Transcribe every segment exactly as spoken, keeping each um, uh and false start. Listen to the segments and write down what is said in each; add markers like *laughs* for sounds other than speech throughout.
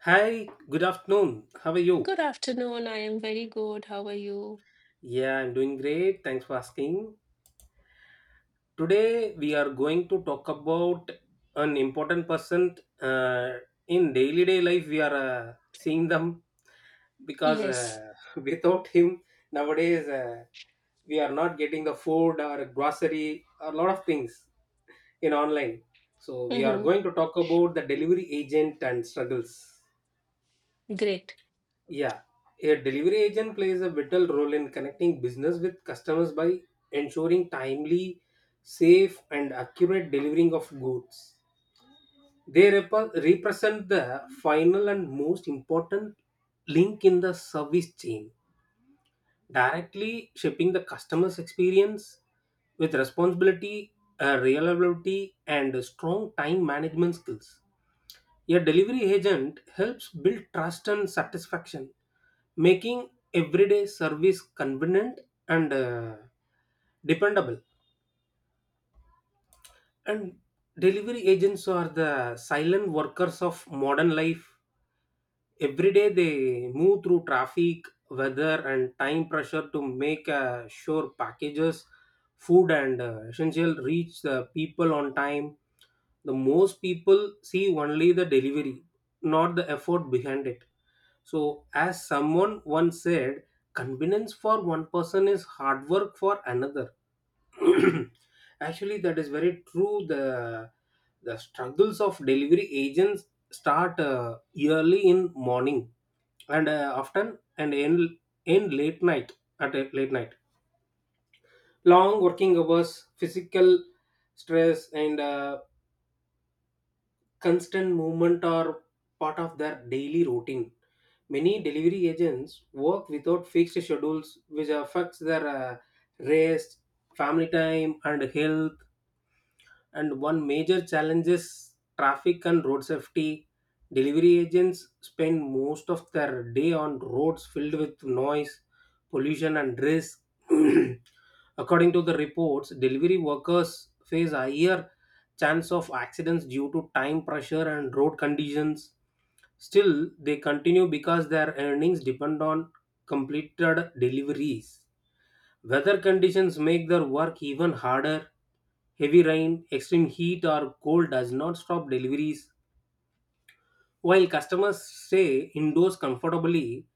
Hi, good afternoon. How are you? Good afternoon. I am very good. How are you? Yeah, I'm doing great. Thanks for asking. Today we are going to talk about an important person, uh, in daily day life. We are uh, seeing them because Yes. uh, *laughs* without him nowadays, uh, we are not getting the food or grocery or a lot of things in online. So we are hmm going to talk about the delivery agent and struggles. Great. Yeah, a delivery agent plays a vital role in connecting business with customers by ensuring timely, safe, and accurate delivering of goods. They rep- represent the final and most important link in the service chain, directly shaping the customer's experience with responsibility, uh, reliability, and strong time management skills. A delivery agent helps build trust and satisfaction, making everyday service convenient and, uh, dependable. And delivery agents are the silent workers of modern life. Every day they move through traffic, weather, and time pressure to make uh, sure packages, food, and uh, essential reach the people on time. The most people see only the delivery, not the effort behind it. So, as someone once said, convenience for one person is hard work for another. *clears throat* Actually, that is very true. The the struggles of delivery agents start uh, early in morning and uh, often and end end late night at a late night. Long working hours, physical stress, and, uh, constant movement are part of their daily routine. Many delivery agents work without fixed schedules, which affects their, uh, rest, family time, and health. And one major challenge is traffic and road safety. Delivery agents spend most of their day on roads filled with noise, pollution, and risk. *clears throat* According to the reports, delivery workers face higher chance of accidents due to time pressure and road conditions. Still they continue because their earnings depend on completed deliveries. Weather conditions make their work even harder. Heavy rain, extreme heat, or cold does not stop deliveries. While customers stay indoors comfortably,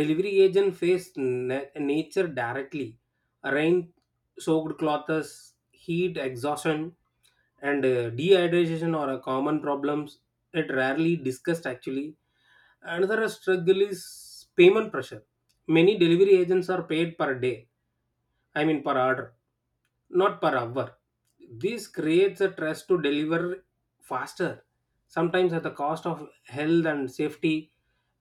delivery agents face na- nature directly. Rain soaked clothes, heat exhaustion, and, uh, dehydration are a common problems that rarely discussed actually. Another struggle is payment pressure. Many delivery agents are paid per day, I mean per order, not per hour. This creates a stress to deliver faster, sometimes at the cost of health and safety.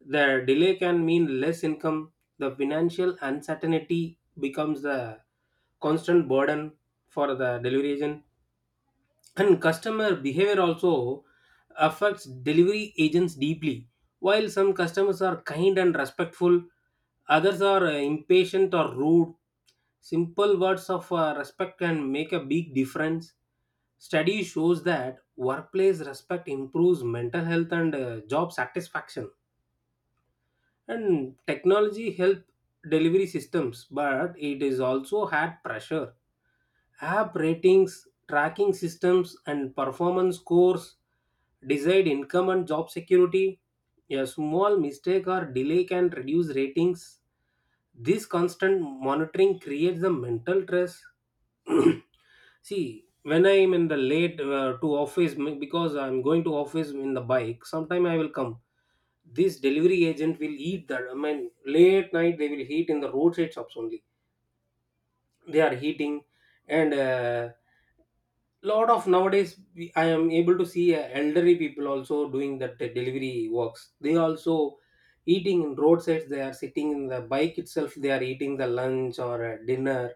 The delay can mean less income. The financial uncertainty becomes the constant burden for the delivery agent. And customer behavior also affects delivery agents deeply. While some customers are kind and respectful, others are uh, impatient or rude. Simple words of uh, respect can make a big difference. Study shows that workplace respect improves mental health and, uh, job satisfaction. And technology help delivery systems, but it is also had pressure. App ratings, tracking systems, and performance scores decide income and job security. A small mistake or delay can reduce ratings. This constant monitoring creates the mental stress. *clears throat* See, when I am in the late, uh, to office, m- because I am going to office in the bike, sometime I will come, this delivery agent will eat, that I mean late night they will heat in the roadside shops only. They are heating, and, uh, lot of nowadays, we- I am able to see uh, elderly people also doing that uh, delivery works. They also eating in roadsides. They are sitting in the bike itself, they are eating the lunch or, uh, dinner.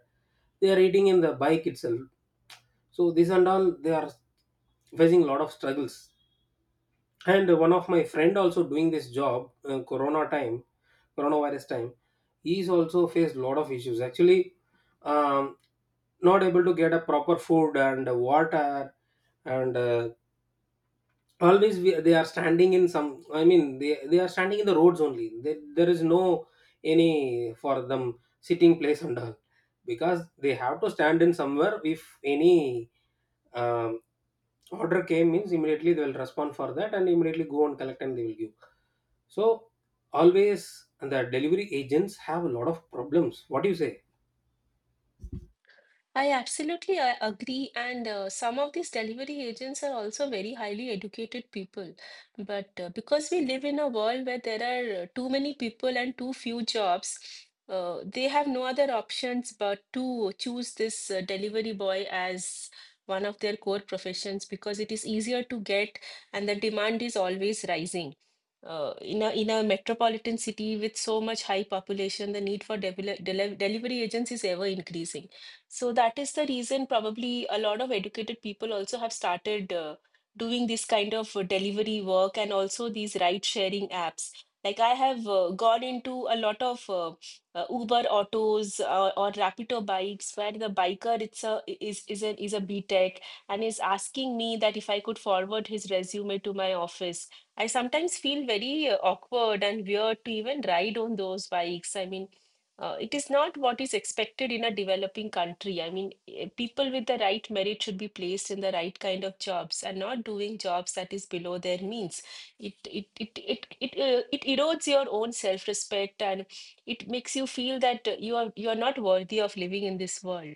They are eating in the bike itself. So this and all, they are facing a lot of struggles. And one of my friend also doing this job, uh, corona time, coronavirus time, he's also faced a lot of issues actually. um, Not able to get a proper food and water, and, uh, always we, they are standing in some, I mean they, they are standing in the roads only, they, there is no any for them sitting place and all, because they have to stand in somewhere if any, um, order came means, immediately they will respond for that and immediately go and collect and they will give. So always the delivery agents have a lot of problems, what do you say? I absolutely I agree, and uh, some of these delivery agents are also very highly educated people. But uh, because we live in a world where there are uh, too many people and too few jobs, uh, they have no other options but to choose this uh, delivery boy as one of their core professions because it is easier to get and the demand is always rising. Uh, in a in a metropolitan city with so much high population, the need for devel- deli delivery agents is ever increasing. So that is the reason probably a lot of educated people also have started uh, doing this kind of uh, delivery work, and also these ride sharing apps. Like I have uh, gone into a lot of uh, uh, Uber autos uh, or Rapido bikes where the biker it's a is is a is a B tech and is asking me that if I could forward his resume to my office. I sometimes feel very uh, awkward and weird to even ride on those bikes. I mean, uh, it is not what is expected in a developing country. I mean, eh, people with the right merit should be placed in the right kind of jobs and not doing jobs that is below their means. It it it it it, uh, it erodes your own self-respect, and it makes you feel that uh, you are you are not worthy of living in this world.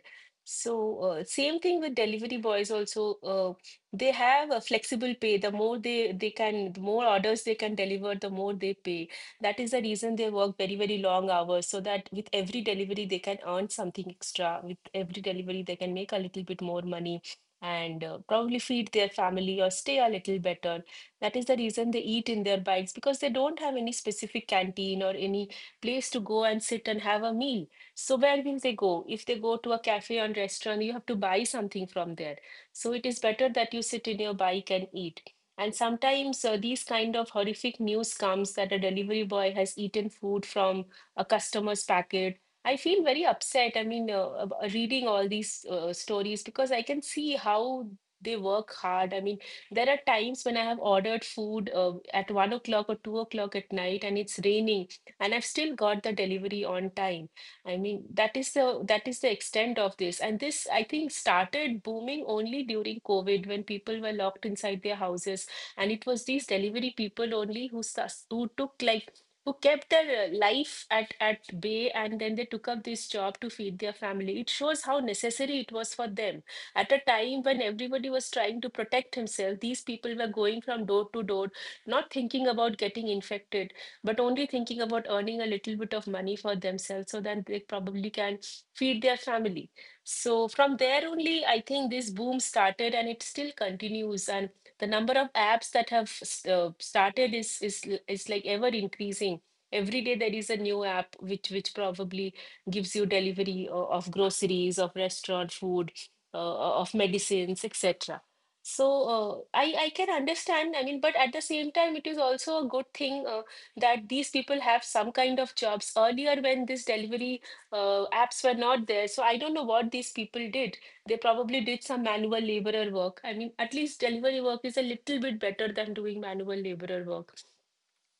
So uh, same thing with delivery boys also. Uh, they have a flexible pay. The more they they can, the more orders they can deliver, the more they pay. That is the reason they work very, very long hours so that with every delivery they can earn something extra. With every delivery they can make a little bit more money, and uh, probably feed their family or stay a little better. That is the reason they eat in their bikes because they don't have any specific canteen or any place to go and sit and have a meal. So where will they go? If they go to a cafe or restaurant, you have to buy something from there. So it is better that you sit in your bike and eat. And sometimes uh, these kind of horrific news comes that a delivery boy has eaten food from a customer's packet. I feel very upset. I mean, uh, ab- uh, reading all these uh, stories, because I can see how they work hard. I mean, there are times when I have ordered food uh, at one o'clock or two o'clock at night, and it's raining, and I've still got the delivery on time. I mean, that is the that is the extent of this. And this, I think, started booming only during COVID when people were locked inside their houses, and it was these delivery people only who sus- who took like, who kept their uh, life at at bay, and then they took up this job to feed their family. It shows how necessary it was for them at a time when everybody was trying to protect himself. These people were going from door to door, not thinking about getting infected, but only thinking about earning a little bit of money for themselves, so that they probably can feed their family. So from there only, I think this boom started, and it still continues. And the number of apps that have s- uh, started is is l- is like ever increasing. Every day there is a new app which which probably gives you delivery o- of groceries, of restaurant food, uh, uh, of medicines, et cetera. So uh, I I can understand. I mean, but at the same time, it is also a good thing uh, that these people have some kind of jobs. Earlier, when this delivery uh, apps were not there, so I don't know what these people did. They probably did some manual laborer work. I mean, at least delivery work is a little bit better than doing manual laborer work.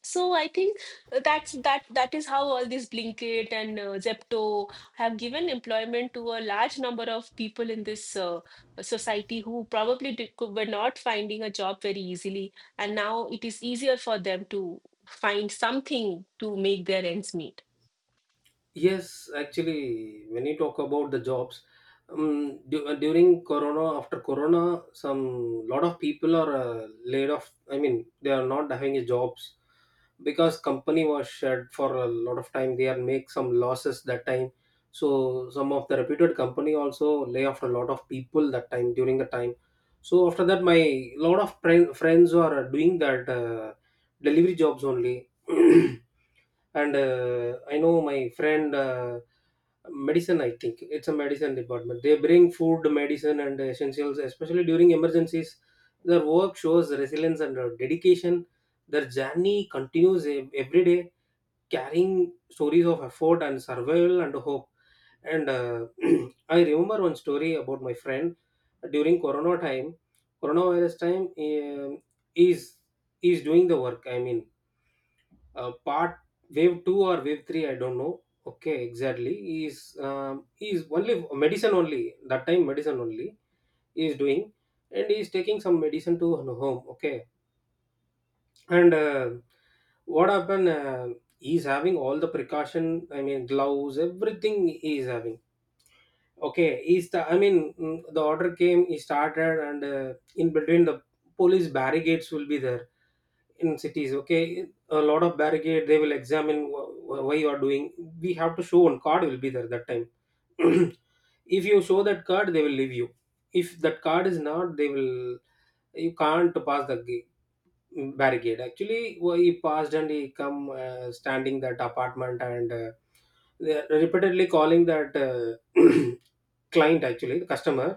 So I think that's that that is how all these Blinkit and uh, Zepto have given employment to a large number of people in this uh, society, who probably did, were not finding a job very easily, and now it is easier for them to find something to make their ends meet. Yes, actually, when you talk about the jobs, um, du- uh, during Corona, after Corona, some lot of people are uh, laid off. I mean, they are not having a jobs because company was shut for a lot of time. They are make some losses that time. So some of the reputed company also lay off a lot of people that time during the time. So after that, my lot of friend, friends are doing that uh, delivery jobs only. *clears throat* And, uh, I know my friend, uh, medicine, I think it's a medicine department. They bring food, medicine, and essentials especially during emergencies. Their work shows resilience and, uh, dedication. Their journey continues ev- every day, carrying stories of effort and survival and hope. And, uh, *clears throat* I remember one story about my friend during corona time, coronavirus time. um, is is doing the work, I mean, uh, part wave two or wave three, I don't know, okay, exactly. Is, um, is only medicine only, that time medicine only he is doing. And he is taking some medicine to home, okay. And, uh, what happened, uh, he is having all the precaution, I mean gloves, everything he is having, okay. He's the, I mean, mm, the order came, he started. And, uh, in between, the police barricades will be there in cities, okay, a lot of barricade. They will examine, wh- wh- why you are doing. We have to show one card will be there that time. *clears throat* If you show that card they will leave you. If that card is not, they will, you can't pass the ga- barricade actually. Wh- he passed and he come, uh, standing that apartment. And, uh, they are repeatedly calling that, uh, *clears throat* client, actually the customer,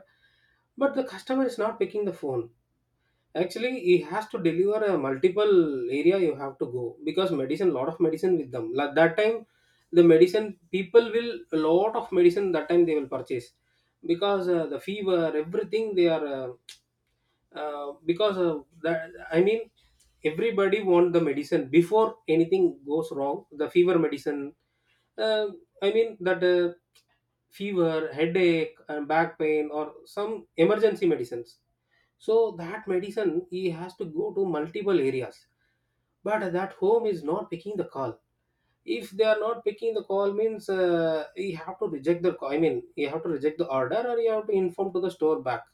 but the customer is not picking the phone. Actually, he has to deliver a multiple area, you have to go, because medicine, lot of medicine with them. Like that time, the medicine people will a lot of medicine, that time they will purchase, because uh, the fever, everything they are uh, uh, because, uh, that I mean, everybody want the medicine before anything goes wrong. The fever medicine, uh, I mean that, uh, fever, headache, and back pain or some emergency medicines. So that medicine he has to go to multiple areas, but that home is not picking the call. If they are not picking the call, means, uh, you have to reject the. I mean, you have to reject the order, or you have to inform to the store back.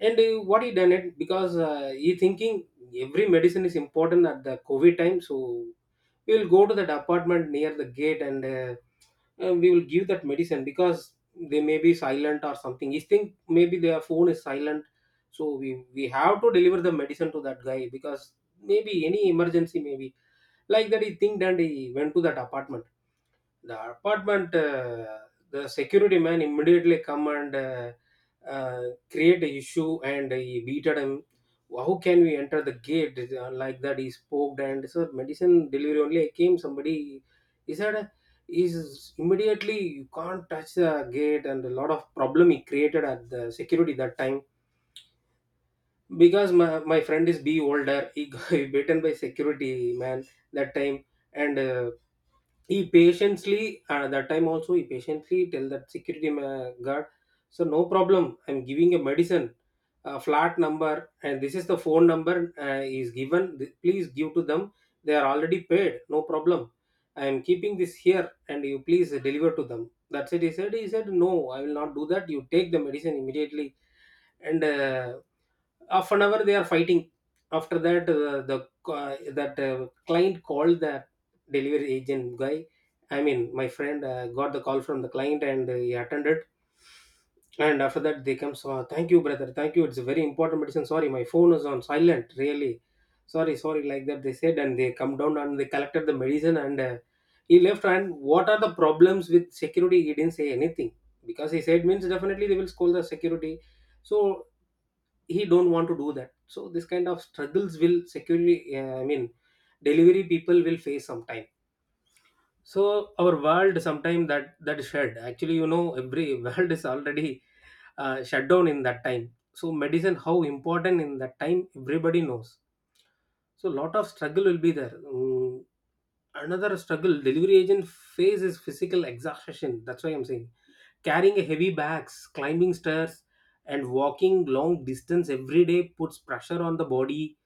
And, uh, what he done it, because, uh, he thinking every medicine is important at the COVID time, so we will go to the apartment near the gate. And, uh, uh, we will give that medicine because they may be silent or something. He think maybe their phone is silent, so we we have to deliver the medicine to that guy because maybe any emergency maybe, like that he think, and he went to that apartment. The apartment, uh, the security man immediately come and, uh, uh, create a issue and he beated him. How can we enter the gate, uh, like that? He spoke, and so medicine delivery only came. Somebody, he said, is immediately you can't touch the gate. And a lot of problem he created at the security that time, because my, my friend is be older, he got *laughs* beaten by security man that time. And, uh, he patiently, uh, that time also he patiently tell that security ma- guard, so no problem, I'm giving a medicine, a flat number and this is the phone number, uh, is given. Th- please give to them. They are already paid, no problem. I am keeping this here and you please deliver to them, that's it, he said. He said no, I will not do that, you take the medicine immediately. And, uh, half an hour they are fighting. After that, uh, the uh, that, uh, client called the delivery agent guy, I mean my friend. Uh, got the call from the client and, uh, he attended. And after that they come, so thank you brother, thank you, it's a very important medicine, sorry my phone is on silent, really sorry, sorry, like that they said. And they come down and they collected the medicine, and, uh, he left. And what are the problems with security, he didn't say anything, because he said means definitely they will scold the security. So he don't want to do that. So this kind of struggles will security, uh, I mean delivery people will face sometime. So our world sometime, that that is shared actually, you know. Every *laughs* world is already, uh, shut down in that time. So medicine how important in that time everybody knows. So lot of struggle will be there. Mm, another struggle delivery agent faces physical exhaustion, that's why I'm saying, carrying a heavy bags, climbing stairs, and walking long distance every day puts pressure on the body.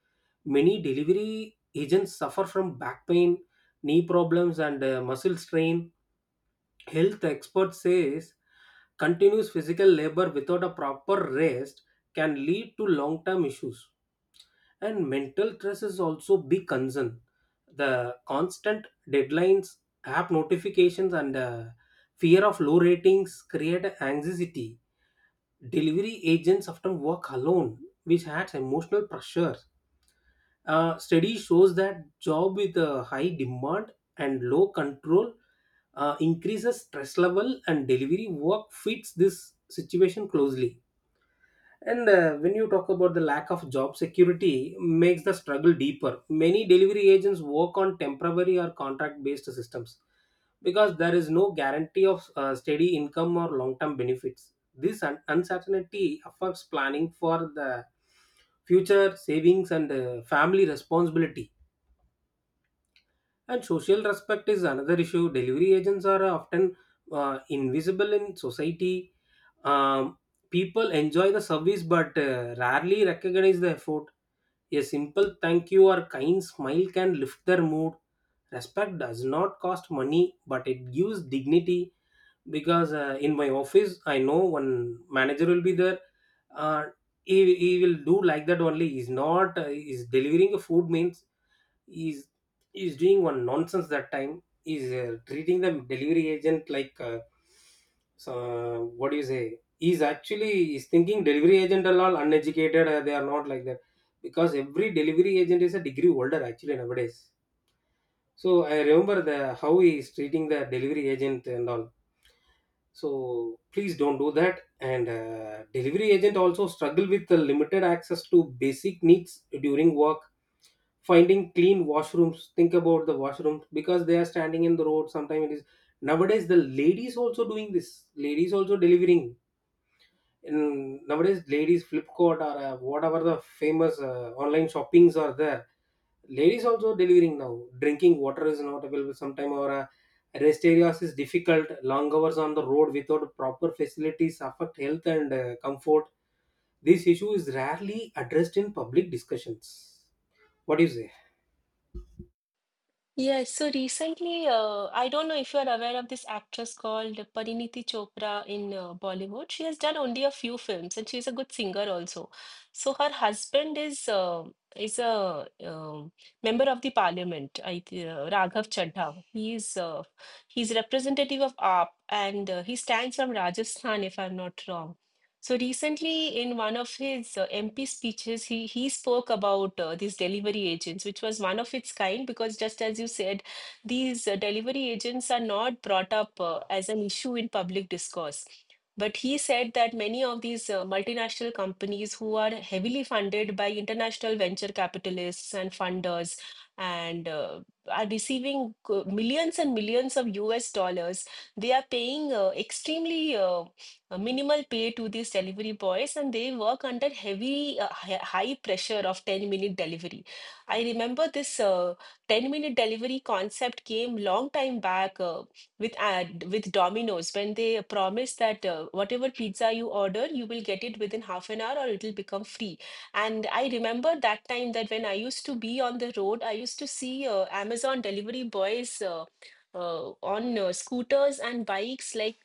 Many delivery agents suffer from back pain, knee problems, and uh, muscle strain. Health experts says continuous physical labor without a proper rest can lead to long-term issues. And mental stress is also big concern. The constant deadlines, app notifications, and uh, fear of low ratings create anxiety. Delivery agents often work alone, which adds emotional pressure. Uh, study shows that job with a high demand and low control uh, increases stress level, and delivery work fits this situation closely. And uh, when you talk about the lack of job security, makes the struggle deeper. Many delivery agents work on temporary or contract based systems because there is no guarantee of uh, steady income or long term benefits. This un- uncertainty affects planning for the future savings and uh, family responsibility. And social respect is another issue. Delivery agents are often uh, invisible in society. Um, People enjoy the service but uh, rarely recognize the effort. A simple thank you or kind smile can lift their mood. Respect does not cost money but it gives dignity, because uh, in my office I know one manager will be there. uh, he, he will do like that only. He's not uh, he's delivering a food means, he's he's doing one nonsense that time he's uh, treating the delivery agent like uh, so what do you say, he's actually he's thinking delivery agent are all uneducated, uh, they are not like that, because every delivery agent is a degree older actually nowadays. So I remember the how he is treating the delivery agent and all. So please don't do that. And uh, delivery agent also struggle with the limited access to basic needs during work. Finding clean washrooms, think about the washrooms, because they are standing in the road sometimes, it is nowadays the ladies also doing this, ladies also delivering in nowadays, ladies Flipkart or uh, whatever the famous uh, online shoppings are there, ladies also delivering now. Drinking water is not available sometime, or uh, rest areas is difficult. Long hours on the road without proper facilities affect health and uh, comfort. This issue is rarely addressed in public discussions. What do you say? Yes, so recently, uh, I don't know if you are aware of this actress called Pariniti Chopra in uh, Bollywood. She has done only a few films, and she's a good singer also. So her husband is uh, is a um member of the parliament, I th uh, Raghav Chadha. He's uh, he's representative of A A P, and uh, he stands from Rajasthan, if I'm not wrong. So recently, in one of his uh, M P speeches, he he spoke about uh, these delivery agents, which was one of its kind, because just as you said, these uh, delivery agents are not brought up uh, as an issue in public discourse. But he said that many of these uh, multinational companies who are heavily funded by international venture capitalists and funders, and uh, are receiving uh, millions and millions of U S dollars, they are paying uh, extremely uh, a minimal pay to these delivery boys, and they work under heavy uh, hi- high pressure of ten minute delivery. I remember this uh, ten minute delivery concept came long time back uh, with ad with Domino's, when they promised that uh, whatever pizza you order, you will get it within half an hour, or it will become free. And I remember that time, that when I used to be on the road, I used to see uh, Amazon delivery boys uh, uh, on uh, scooters and bikes, like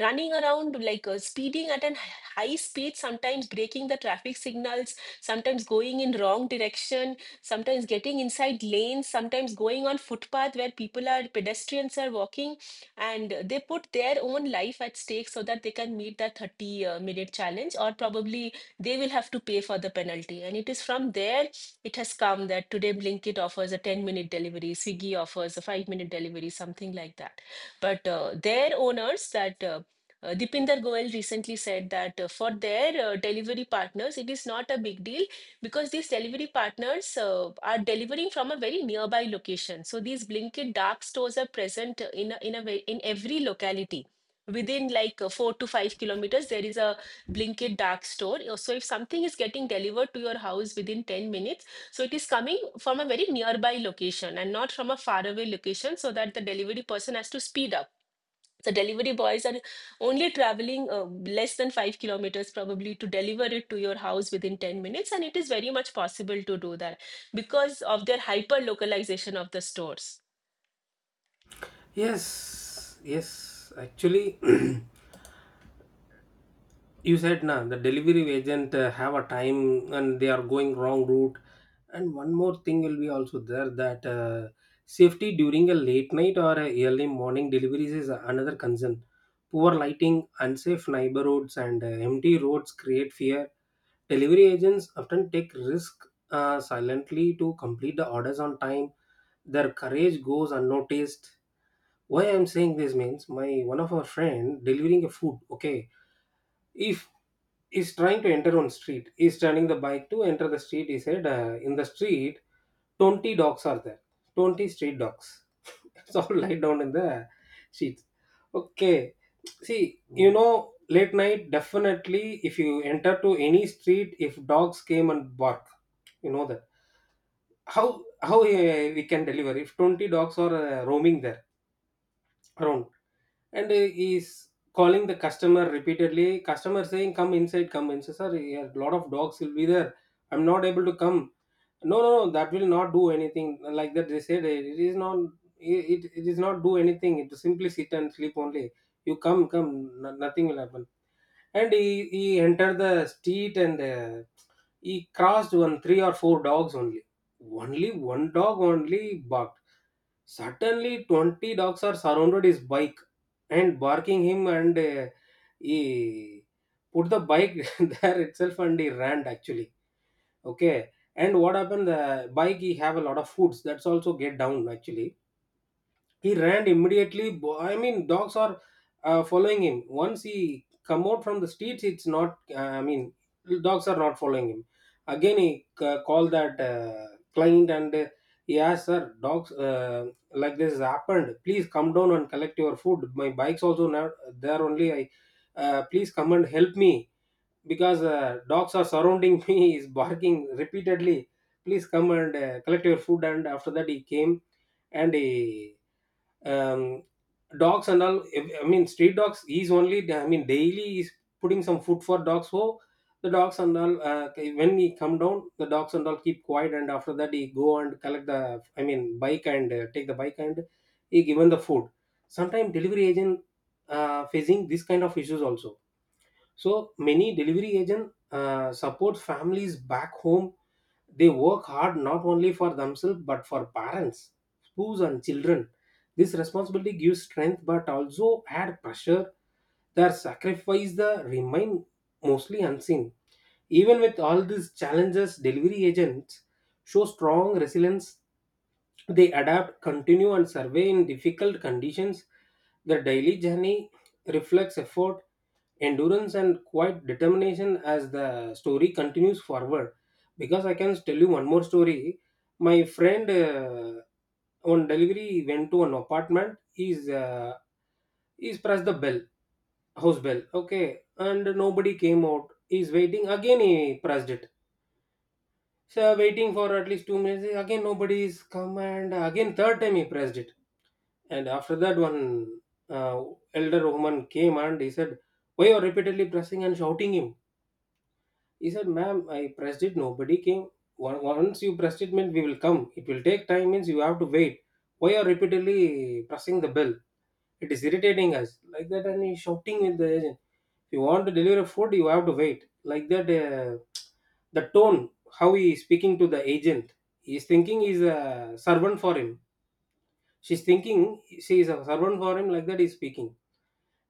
running around like uh, speeding at a high speed, sometimes breaking the traffic signals, sometimes going in wrong direction, sometimes getting inside lanes, sometimes going on footpath where people are pedestrians are walking, and they put their own life at stake so that they can meet that thirty uh, minute challenge, or probably they will have to pay for the penalty. And it is from there it has come that today Blinkit offers a ten minute delivery, Swiggy offers a five minute delivery, something like that. But uh, their owners, that uh, uh, Dipinder Goel recently said that uh, for their uh, delivery partners, it is not a big deal because these delivery partners uh, are delivering from a very nearby location. So these Blinkit dark stores are present in a, in a way, in every locality. Within like uh, four to five kilometers, there is a Blinkit dark store. So if something is getting delivered to your house within ten minutes, so it is coming from a very nearby location and not from a faraway location, so that the delivery person has to speed up. The delivery boys are only traveling uh, less than five kilometers probably to deliver it to your house within ten minutes. And it is very much possible to do that because of their hyper localization of the stores. Yes, yes. Actually, *clears throat* you said na the delivery agent uh, have a time and they are going wrong route. And one more thing will be also there, that uh, safety during a late night or a early morning deliveries is another concern. Poor lighting, unsafe neighborhoods, and uh, empty roads create fear. Delivery agents often take risk uh, silently to complete the orders on time. Their courage goes unnoticed. Why I'm saying this means, my one of our friend delivering a food. Okay, if he's trying to enter on street, he's turning the bike to enter the street. He said uh, in the street twenty dogs are there, twenty street dogs. *laughs* It's all lie down in the streets. Okay, see, you know, late night definitely if you enter to any street if dogs came and bark, you know that, how how uh, we can deliver if twenty dogs are uh, roaming there around? And uh, he's calling the customer repeatedly. Customer saying, come inside, come inside, sir, a lot of dogs will be there, I'm not able to come. No, no, no, that will not do anything, like that they said. it it is not, it, it it is not do anything, it simply sit and sleep only, you come, come, no- nothing will happen. And he, he entered the street, and uh, he crossed one three or four dogs only, only one dog only barked. Suddenly twenty dogs are surrounded his bike and barking him, and uh, he put the bike *laughs* there itself and he ran actually. Okay, and what happened, the bike, he have a lot of foods, that's also get down actually. He ran immediately. Bo- I mean dogs are uh, following him. Once he come out from the streets, it's not uh, I mean, dogs are not following him. Again he c- called that uh, client, and uh, he asked, sir, dogs uh, like this has happened, please come down and collect your food, my bike's also not there only, I uh, please come and help me, because uh, dogs are surrounding *laughs* me, is barking repeatedly, please come and uh, collect your food. And after that he came, and he um, dogs and all, if- I mean street dogs, he's only I mean daily he's putting some food for dogs, so the dogs and all uh, okay, when he come down the dogs and all keep quiet, and after that he go and collect the I mean bike, and uh, take the bike, and he given the food. Sometimes delivery agent uh, facing this kind of issues also. So many delivery agent uh, support families back home. They work hard not only for themselves but for parents, spouse, and children. This responsibility gives strength but also add pressure. Their sacrifice the remain mostly unseen. Even with all these challenges, delivery agents show strong resilience. They adapt, continue, and survey in difficult conditions. Their daily journey reflects effort, endurance, and quite determination, as the story continues forward. Because I can tell you one more story. My friend uh, on delivery went to an apartment. He's uh, he's pressed the bell, house bell, okay, and nobody came out. He's waiting, again he pressed it, so waiting for at least two minutes, again nobody is come, and again third time he pressed it. And after that one uh, elder woman came, and he said, why you are repeatedly pressing, and shouting him. He said, ma'am, I pressed it, nobody came. One- Once you pressed it, means we will come. It will take time, means you have to wait. Why are repeatedly pressing the bell? It is irritating us. Like that, and he's shouting with the agent. If you want to deliver food, you have to wait. Like that, uh, the tone, how he is speaking to the agent. He is thinking he is a servant for him. She's thinking she is a servant for him, like that he's speaking.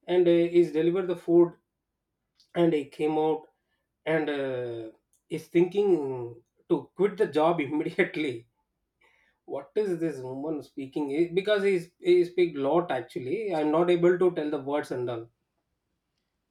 And uh, he's delivered the food, and he came out, and uh, is thinking to quit the job *laughs* immediately. What is this woman speaking? He- because he's, he speak lot actually, I'm not able to tell the words and all.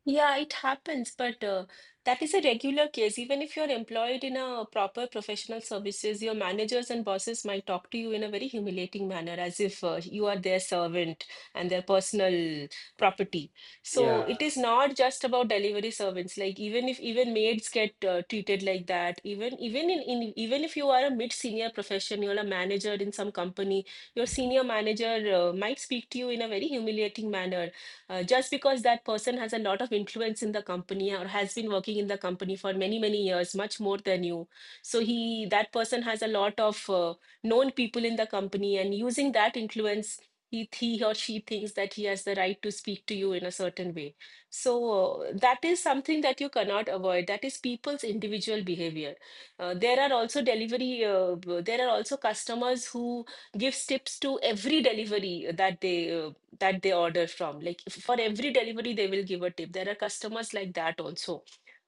Yeah, it happens, but uh, that is a regular case. Even if you're employed in a proper professional services, your managers and bosses might talk to you in a very humiliating manner, as if uh, you are their servant and their personal property. So Yeah, it is not just about delivery servants. Like even if even maids get uh, treated like that, even even in, in even if you are a mid-senior profession, you're a manager in some company, your senior manager uh, might speak to you in a very humiliating manner, uh, just because that person has a lot of influence in the company, or has been working in the company for many many years, much more than you. So he that person has a lot of uh, known people in the company, and using that influence, he, he or she thinks that he has the right to speak to you in a certain way. So uh, that is something that you cannot avoid. That is people's individual behavior. Uh, there are also delivery uh, there are also customers who give tips to every delivery that they uh, that they order from. Like if- for every delivery, they will give a tip. There are customers like that also.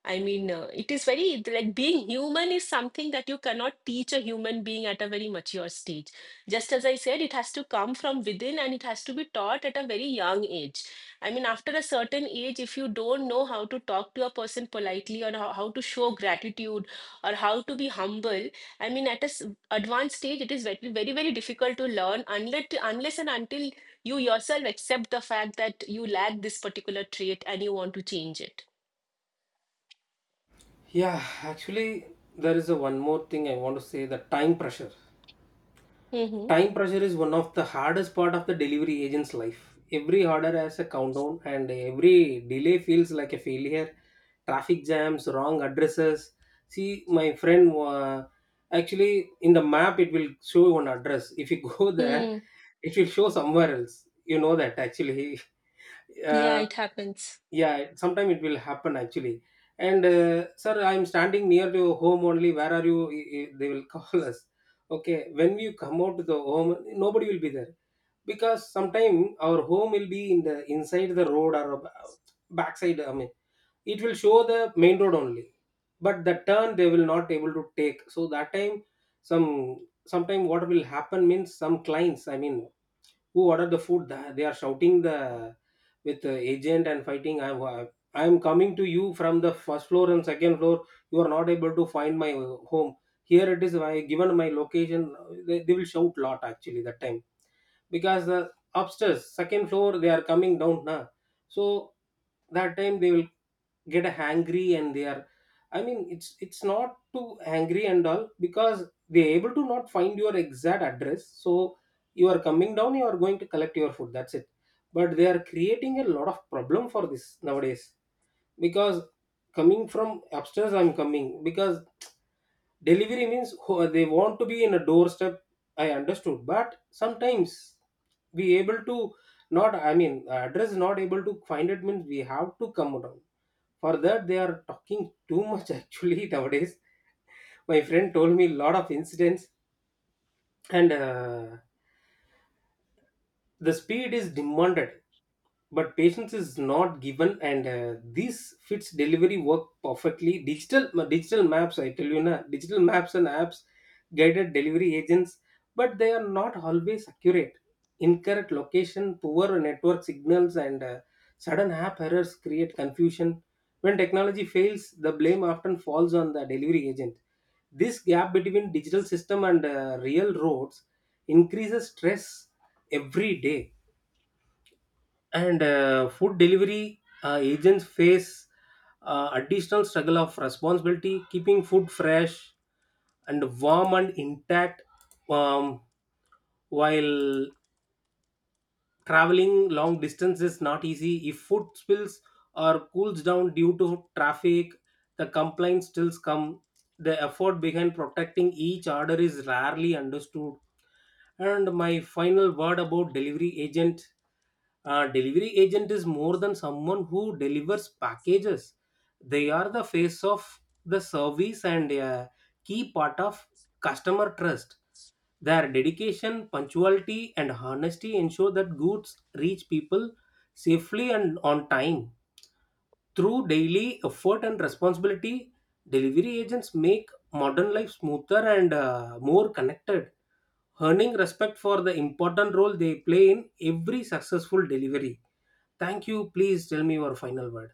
I mean, uh, it is very, like being human is something that you cannot teach a human being at a very mature stage. Just as I said, it has to come from within, and it has to be taught at a very young age. I mean, after a certain age, if you don't know how to talk to a person politely, or how, how to show gratitude or how to be humble, I mean, at a s- advanced stage, it is very, very, very difficult to learn, unless unless and until you yourself accept the fact that you lack this particular trait and you want to change it. yeah, actually, there is a one more thing I want to say, the time pressure. Mm-hmm. Time pressure is one of the hardest part of the delivery agent's life. Every order has a countdown and every delay feels like a failure. Traffic jams, wrong addresses. See, my friend, uh, actually in the map it will show one address. If you *laughs* go there, Mm. it will show somewhere else. You know that actually. *laughs* Yeah, Uh, it happens. yeah, sometime it will happen actually. And uh, sir, I'm standing near to your home only. Where are you? I- I- They will *laughs* call us. Okay, when you come out to the home, nobody will be there, because sometime our home will be in the inside the road, or a ba- backside. I mean, it will show the main road only, but the turn they will not able to take. So that time, some sometime what will happen means, some clients, I mean who ordered the food, th- they are shouting the with the agent and fighting. i am I am coming to you from the first floor and second floor, you are not able to find my uh, home, here it is my given my location. They, they will shout lot actually that time, because the upstairs second floor they are coming down now. So that time they will get angry, and they are, I mean it's it's not too angry and all, because they're able to not find your exact address. So you are coming down, you are going to collect your food, that's it. But they are creating a lot of problem for this nowadays, because coming from upstairs, I'm coming, because delivery means, who- they want to be in a doorstep. I understood, but sometimes we able to not I mean address not able to find it means we have to come down. For that, they are talking too much *laughs* actually nowadays. My friend told me a lot of incidents, and uh, the speed is demanded but patience is not given. And uh, this fits delivery work perfectly. Digital digital maps, I tell you na, digital maps and apps guided delivery agents, but they are not always accurate. Incorrect location, poor network signals, and uh, sudden app errors create confusion. When technology fails, the blame often falls on the delivery agent. This gap between digital system and uh, real roads increases stress every day. And uh, food delivery uh, agents face uh, additional struggle of responsibility, keeping food fresh and warm and intact, um, while traveling long distance is not easy. If food spills or cools down due to traffic, the complaints still come. The effort behind protecting each order is rarely understood. And my final word about delivery agent, uh, delivery agent is more than someone who delivers packages. They are the face of the service and a key part of customer trust. Their dedication, punctuality, and honesty ensure that goods reach people safely and on time. Through daily effort and responsibility, delivery agents make modern life smoother and uh, more connected, earning respect for the important role they play in every successful delivery. Thank you. Please tell me your final word.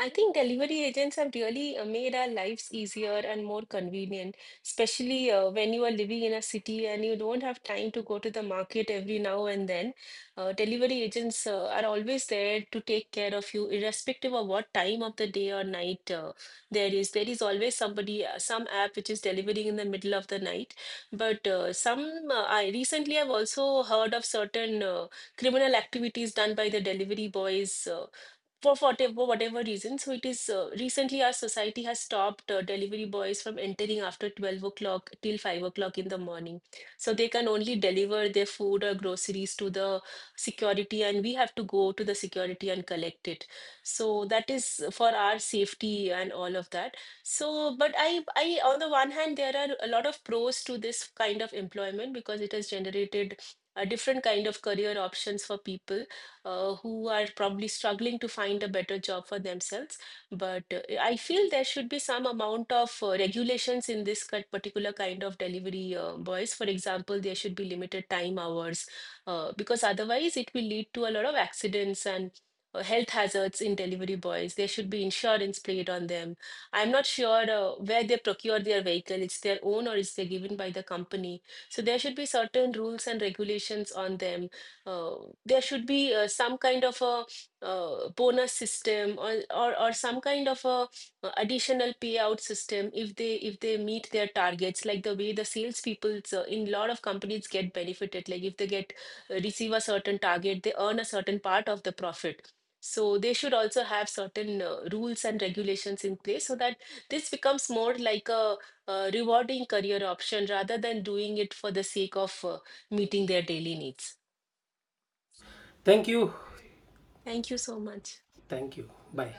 I think delivery agents have really uh, made our lives easier and more convenient, especially uh, when you are living in a city and you don't have time to go to the market every now and then. Uh, delivery agents uh, are always there to take care of you, irrespective of what time of the day or night uh, there is. There is always somebody, uh, some app which is delivering in the middle of the night. But uh, some, uh, I recently have also heard of certain uh, criminal activities done by the delivery boys, uh, for whatever whatever reason. So it is uh, recently our society has stopped uh, delivery boys from entering after twelve o'clock till five o'clock in the morning. So they can only deliver their food or groceries to the security, and we have to go to the security and collect it. So that is for our safety and all of that. So, but I, I on the one hand, there are a lot of pros to this kind of employment because it has generated a different kind of career options for people uh, who are probably struggling to find a better job for themselves. But uh, I feel there should be some amount of uh, regulations in this ki- particular kind of delivery uh, boys. For example, there should be limited time hours, uh, because otherwise it will lead to a lot of accidents and uh, health hazards in delivery boys. There should be insurance played on them. I'm not sure uh, where they procure their vehicle. It's their own, or is they given by the company? So there should be certain rules and regulations on them. uh, there should be uh, some kind of a uh, bonus system, or, or or some kind of a uh, additional payout system if they if they meet their targets, like the way the salespeople uh, in a lot of companies get benefited. Like if they get uh, receive a certain target, they earn a certain part of the profit. So they should also have certain uh, rules and regulations in place, so that this becomes more like a, uh, rewarding career option rather than doing it for the sake of uh, meeting their daily needs. Thank you. Thank you so much. Thank you. Bye.